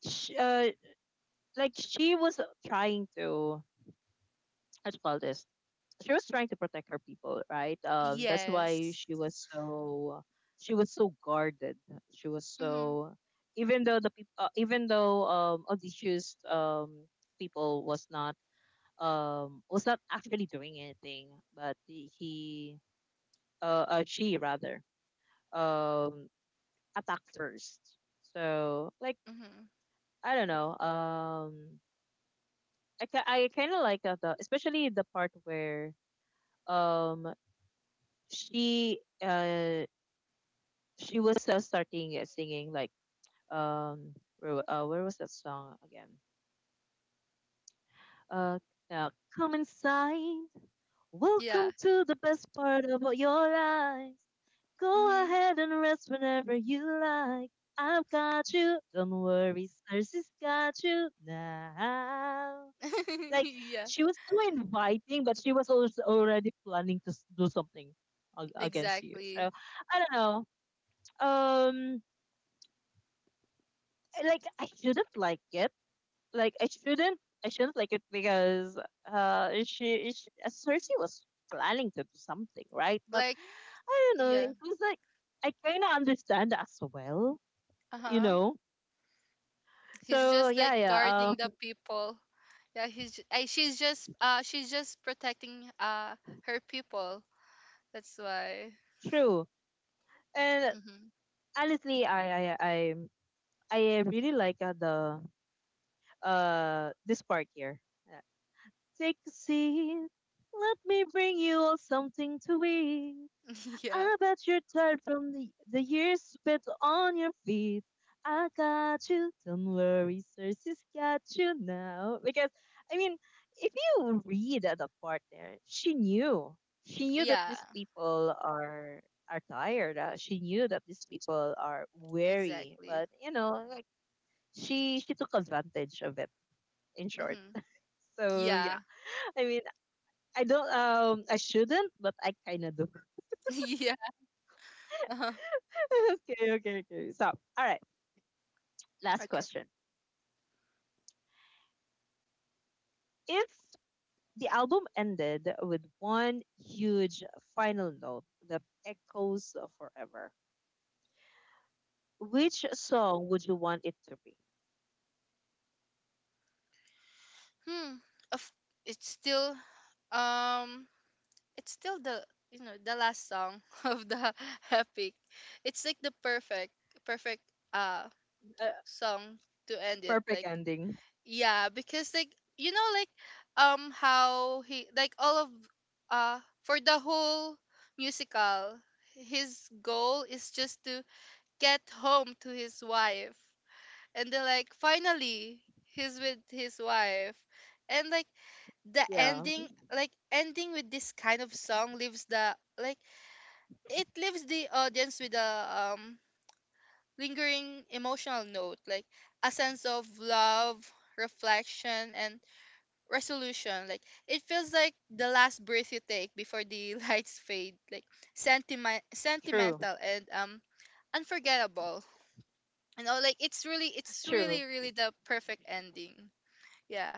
sh like she was trying to— how do you call this? She was trying to protect her people, right? That's why Yes. she was so guarded. She was Mm-hmm. so even though the people, even though Odysseus people was not actually doing anything, but she rather um attacked first. So like Mm-hmm. I don't know I kind of like that, especially the part where um she uh she was starting singing like um where was that song again uh now come inside, Yeah. welcome to the best part of your life, go Mm-hmm. ahead and rest whenever you like, I've got you, don't worry, Cersei's got you now. Like, yeah, she was so inviting, but she was also already planning to do something against you. exactly. So I don't know um like, I shouldn't like it. Like I shouldn't like it because she, Cersei was planning to do something, right? But Like, I don't know, yeah. it was like I kinda understand as well, you Uh-huh. know? He's So just yeah, like yeah, guarding the um people. Yeah, she's just protecting her people. That's why. true. And Hmm. honestly, I really like the this part here. Uh, Take a seat, let me bring you all something to eat. yeah. I bet you're tired from the years spent on your feet. I got you. Don't worry, Cersei's got you now. Because, I mean, if you read the part there, she knew. She knew that Yeah. these people are tired. She knew that these people are weary. Exactly. But, like she took advantage of it, in short. Hmm. So, yeah. Yeah. I mean, I don't, I shouldn't, but I kind of do. yeah. Uh-huh. Okay, okay, okay. So, all right. Last Okay. question. If the album ended with one huge final note that echoes forever, which song would you want it to be? Hmm. Of it's still um it's still the you know the last song of the epic. It's like the perfect uh Uh, song to end it. perfect Like ending. yeah, because like you know like how he like all of for the whole musical his goal is just to get home to his wife, and then like finally he's with his wife, and like the Yeah, ending like ending with this kind of song leaves the, like, it leaves the audience with a um lingering emotional note, like a sense of love, reflection and resolution. Like it feels like the last breath you take before the lights fade. Like sentiment, true, sentimental and unforgettable. You know, like it's true. really, really the perfect ending. Yeah.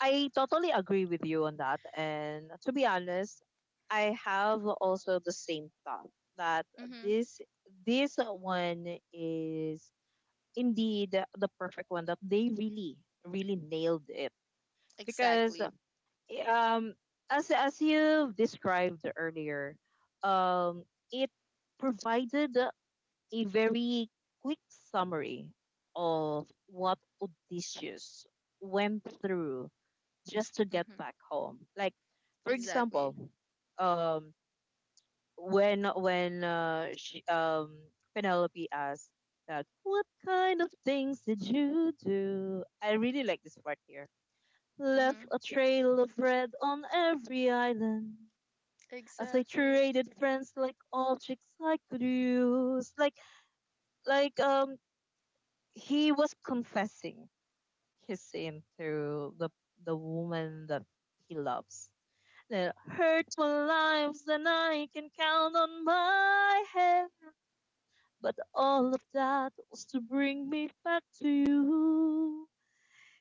I totally agree with you on that. And to be honest, I have also the same thought that Mhm. this this one is indeed the perfect one that they really really nailed it because Exactly. um as you described earlier, um it provided a very quick summary of what Odysseus went through just to get Mhm. back home. Like, for Exactly. example, um when when uh, she, um Penelope asked that what kind of things did you do? I really like this part here: left Mhm. a trail of red on every island. As I Exactly. traded friends like objects I could use. Like, like um he was confessing his sin to the woman that he loves. The hurtful lives that I can count on my head, but all of that was to bring me back to you.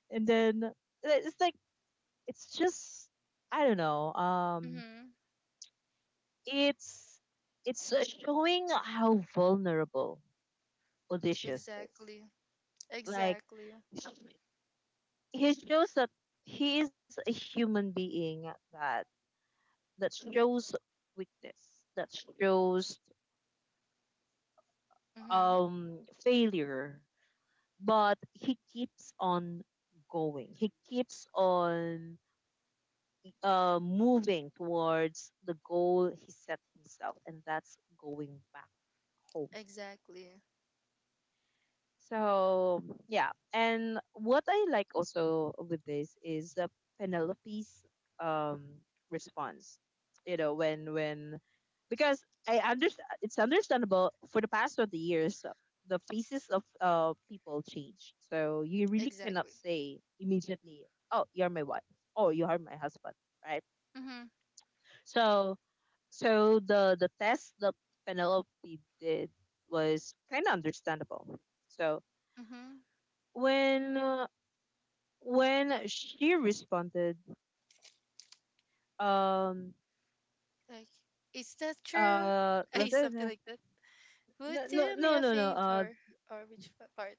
And then it's like it's just I don't know Mhm. it's showing how vulnerable Odysseus is. Exactly. Like, Exactly. he shows that he is a human being that that shows weakness, that shows Mhm. Failure, but he keeps on going. He keeps on moving towards the goal he set himself, and that's going back home. Exactly. So yeah, and what I like also with this is the Penelope's um response. You know, when because I understand it's understandable for the past 20 years the faces of people change. So you really cannot Exactly. say immediately, oh, you're my wife, oh, you are my husband, right? Mhm. So the test that Penelope did was kind of understandable. So Mhm. when uh, when she responded, um, Like, is that true? Ay, what is something that? like that. Would No, no, do me no, a no, no. Favor? Or which part?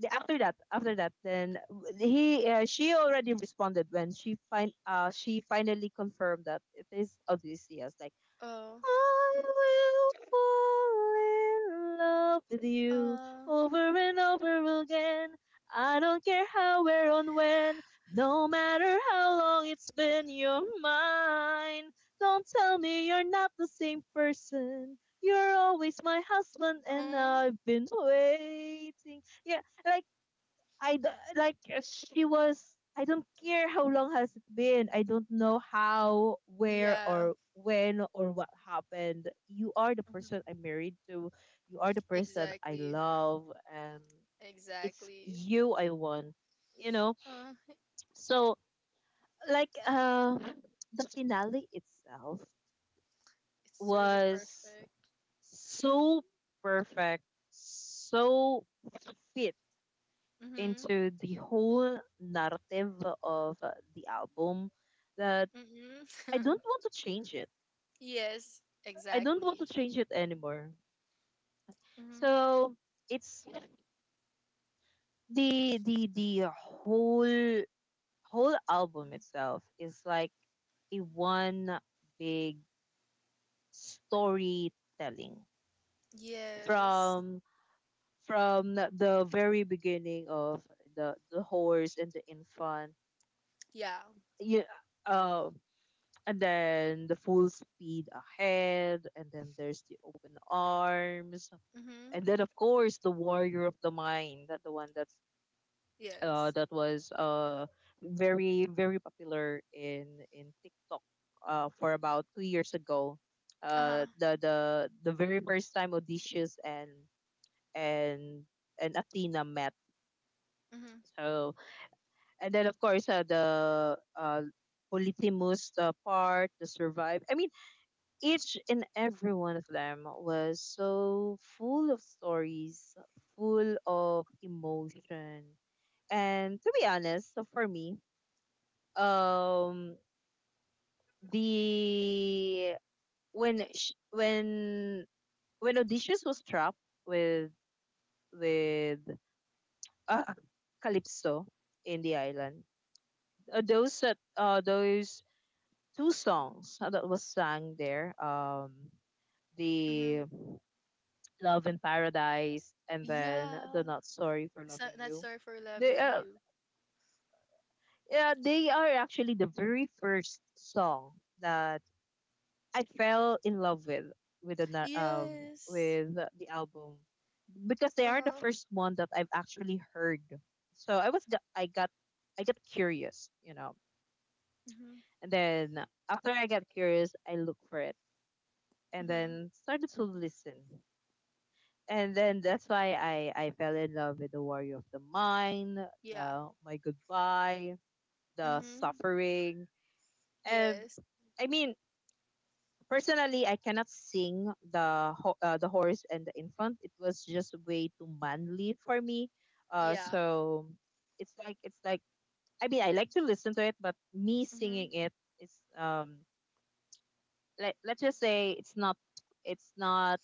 The, after that, then she already responded when she she finally confirmed that it is Odysseus. Like, Oh, I will fall in love with you uh, over and over again. I don't care how, where, and when. No matter how long it's been, you're mine. Don't tell me you're not the same person. You're always my husband, and um, I've been waiting. Yeah, like I d- like she was. I don't care how long has it been. I don't know how, where, yeah, or when, or what happened. You are the mhm, person I'm married to. You are the person I exactly, love, and it's exactly. you I want. You know. Uh, So like, the finale itself it's really was perfect. so perfect, so fit Mm-hmm, into the whole narrative of the album that I mm-hmm. don't want to change it. yes, I don't want to exactly. change it anymore. Mm-hmm. So it's the whole album Mm-hmm. itself is like a one big storytelling Yes. from from the very beginning of the horse and the infant. Yeah. Yeah, uh, and then the full speed ahead, and then there's the open arms, Mm-hmm. and then of course the warrior of the mind, that the one that's Yes. that was very very popular in TikTok for about 2 years ago, Uh-huh. The very first time Odysseus and and and Athena met. Mm-hmm. So and then of course the Polyphemus part, the survive. I mean, each and every one of them was so full of stories, full of emotion. And to be honest, so for me, um, the when sh- when Odysseus was trapped with with uh, Calypso in the island, those two songs that was sung there, the Mm-hmm. Love in Paradise, and then the Yeah. Not Sorry for So, Loving not You. sorry for They loving you. yeah, they are actually the very first song that I fell in love with with the na- um Yes. with the album because they are the Uh-huh. first one that I've actually heard. So I was I got curious, you know, Mm-hmm. and then after I got curious, I looked for it and Mm-hmm. then started to listen, and then that's why I fell in love with the warrior of the mind, Yeah. the my goodbye, the Mm-hmm. suffering. Um, Yes. I mean, personally, I cannot sing the the horse and the infant. It was just way too manly for me. Yeah. So it's like I mean, I like to listen to it, but me singing Mm-hmm. it is um let let's just say it's not it's not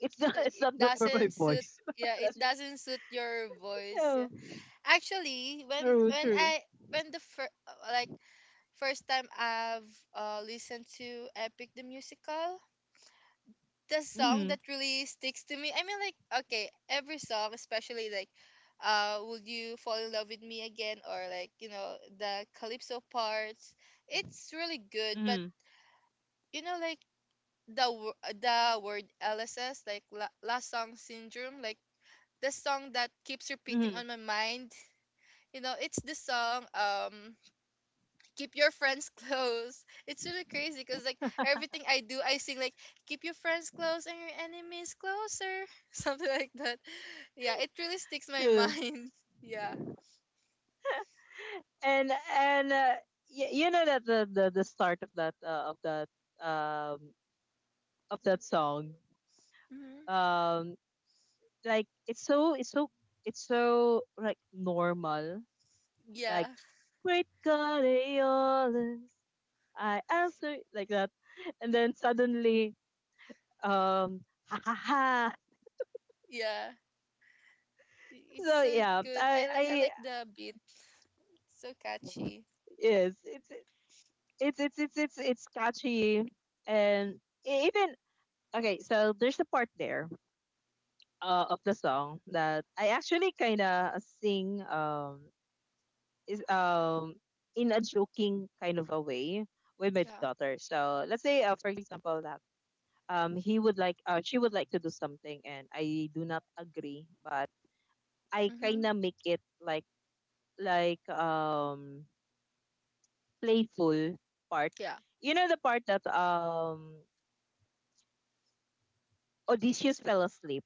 it's not it's It not good for my doesn't suit. voice. Yeah, it That's just— doesn't suit your voice. yeah. Yeah. Actually, True, when true. I when the like first time I've listened to Epic the Musical, the song that Mhm. really sticks to me. I mean, like okay, every song, especially like. Would you fall in love with me again, or like you know the Calypso parts, it's really good, but Mhm. you know like the word LSS, like last song syndrome, like the song that keeps repeating Mhm. on my mind. You know, it's the song keep your friends close. It's really crazy because like everything I do, I sing like keep your friends close and your enemies closer, something like that. Yeah, it really sticks my True. mind. Yeah. And and uh, you know that the start of that um of that song, Hmm. um like it's so it's so like normal, like, Yeah. great God Aeolus, I answer like that, and then suddenly, um ha ha ha. Yeah. It's So so yeah, good. I I like the beat. It's so catchy. yes it's it's catchy, and even— Okay, so there's a part there of the song that I actually kind of sing, is in a joking kind of a way with my Yeah. daughter. So let's say for example that he would like she would like to do something and I do not agree, but I kind Mhm. of make it like, playful part. Yeah. You know the part that Odysseus fell asleep.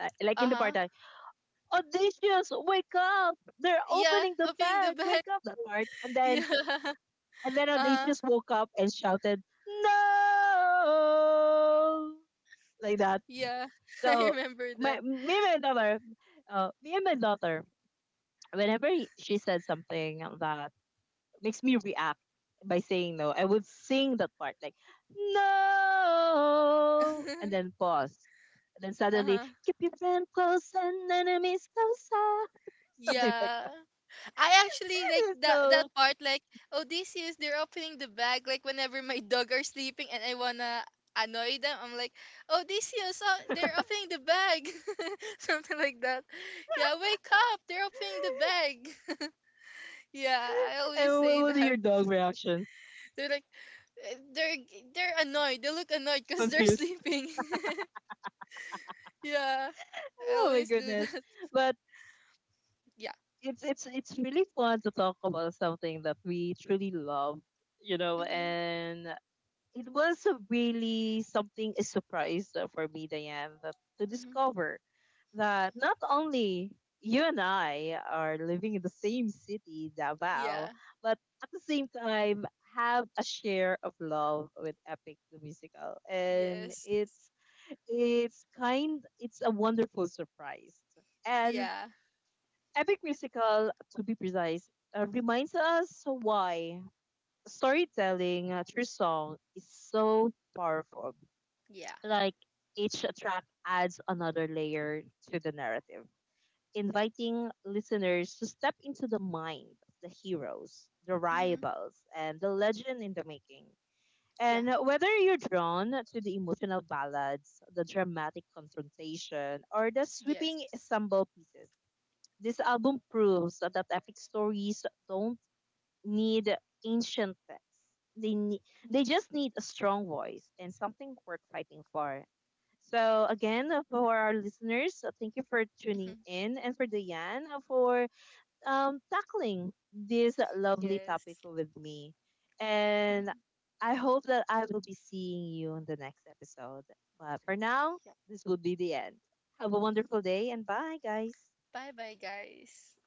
Like Uh in the part huh. that audacious, wake up, they're Yeah, opening the copying the bag, bag. wake up, that part, and then Yeah. Uh-huh. audacious woke up and shouted no, like that. Yeah. I So remember my that. Me and my daughter, whenever she said something that makes me react by saying no, I would sing that part like, no, and then pause, and then suddenly, uh-huh. keep your friend close and enemies closer, something like— Yeah. I actually like that So, part like oh this is they're opening the bag like whenever my dog are sleeping and I wanna annoy them I'm like oh this is they're opening the bag something like that yeah wake up they're opening the bag yeah I and always say what are that your dog reactions? they're like eh, they're they're annoyed they look annoyed because they're Confused. sleeping Yeah, I Oh my always do goodness. that. But Yeah. It's really fun to talk about something that we truly love, you know, Mhm. and it was a really something a surprise for me, Diane, that, to Mhm. discover that not only you and I are living in the same city, Davao, Yeah. but at the same time have a share of love with Epic the Musical. And Yes. it's— it's kind— it's a wonderful surprise. And Yeah. Epic Musical, to be precise, reminds us why storytelling through song is so powerful. Yeah. Like, each track adds another layer to the narrative, inviting listeners to step into the mind of the heroes, the Mhm. rivals, and the legend in the making. Yeah. And whether you're drawn to the emotional ballads, the dramatic confrontation, or the Yes. sweeping ensemble pieces, this album proves that epic stories don't need ancient texts. They need— Mhm. they just need a strong voice and something worth fighting for. So again, for our listeners, thank you for tuning Mhm. in, and for Diane for tackling this lovely topic Yes. with me. Mhm. And I hope that I will be seeing you in the next episode. But for now, Yeah. this would be the end. Have a wonderful day and bye, guys. Bye bye guys.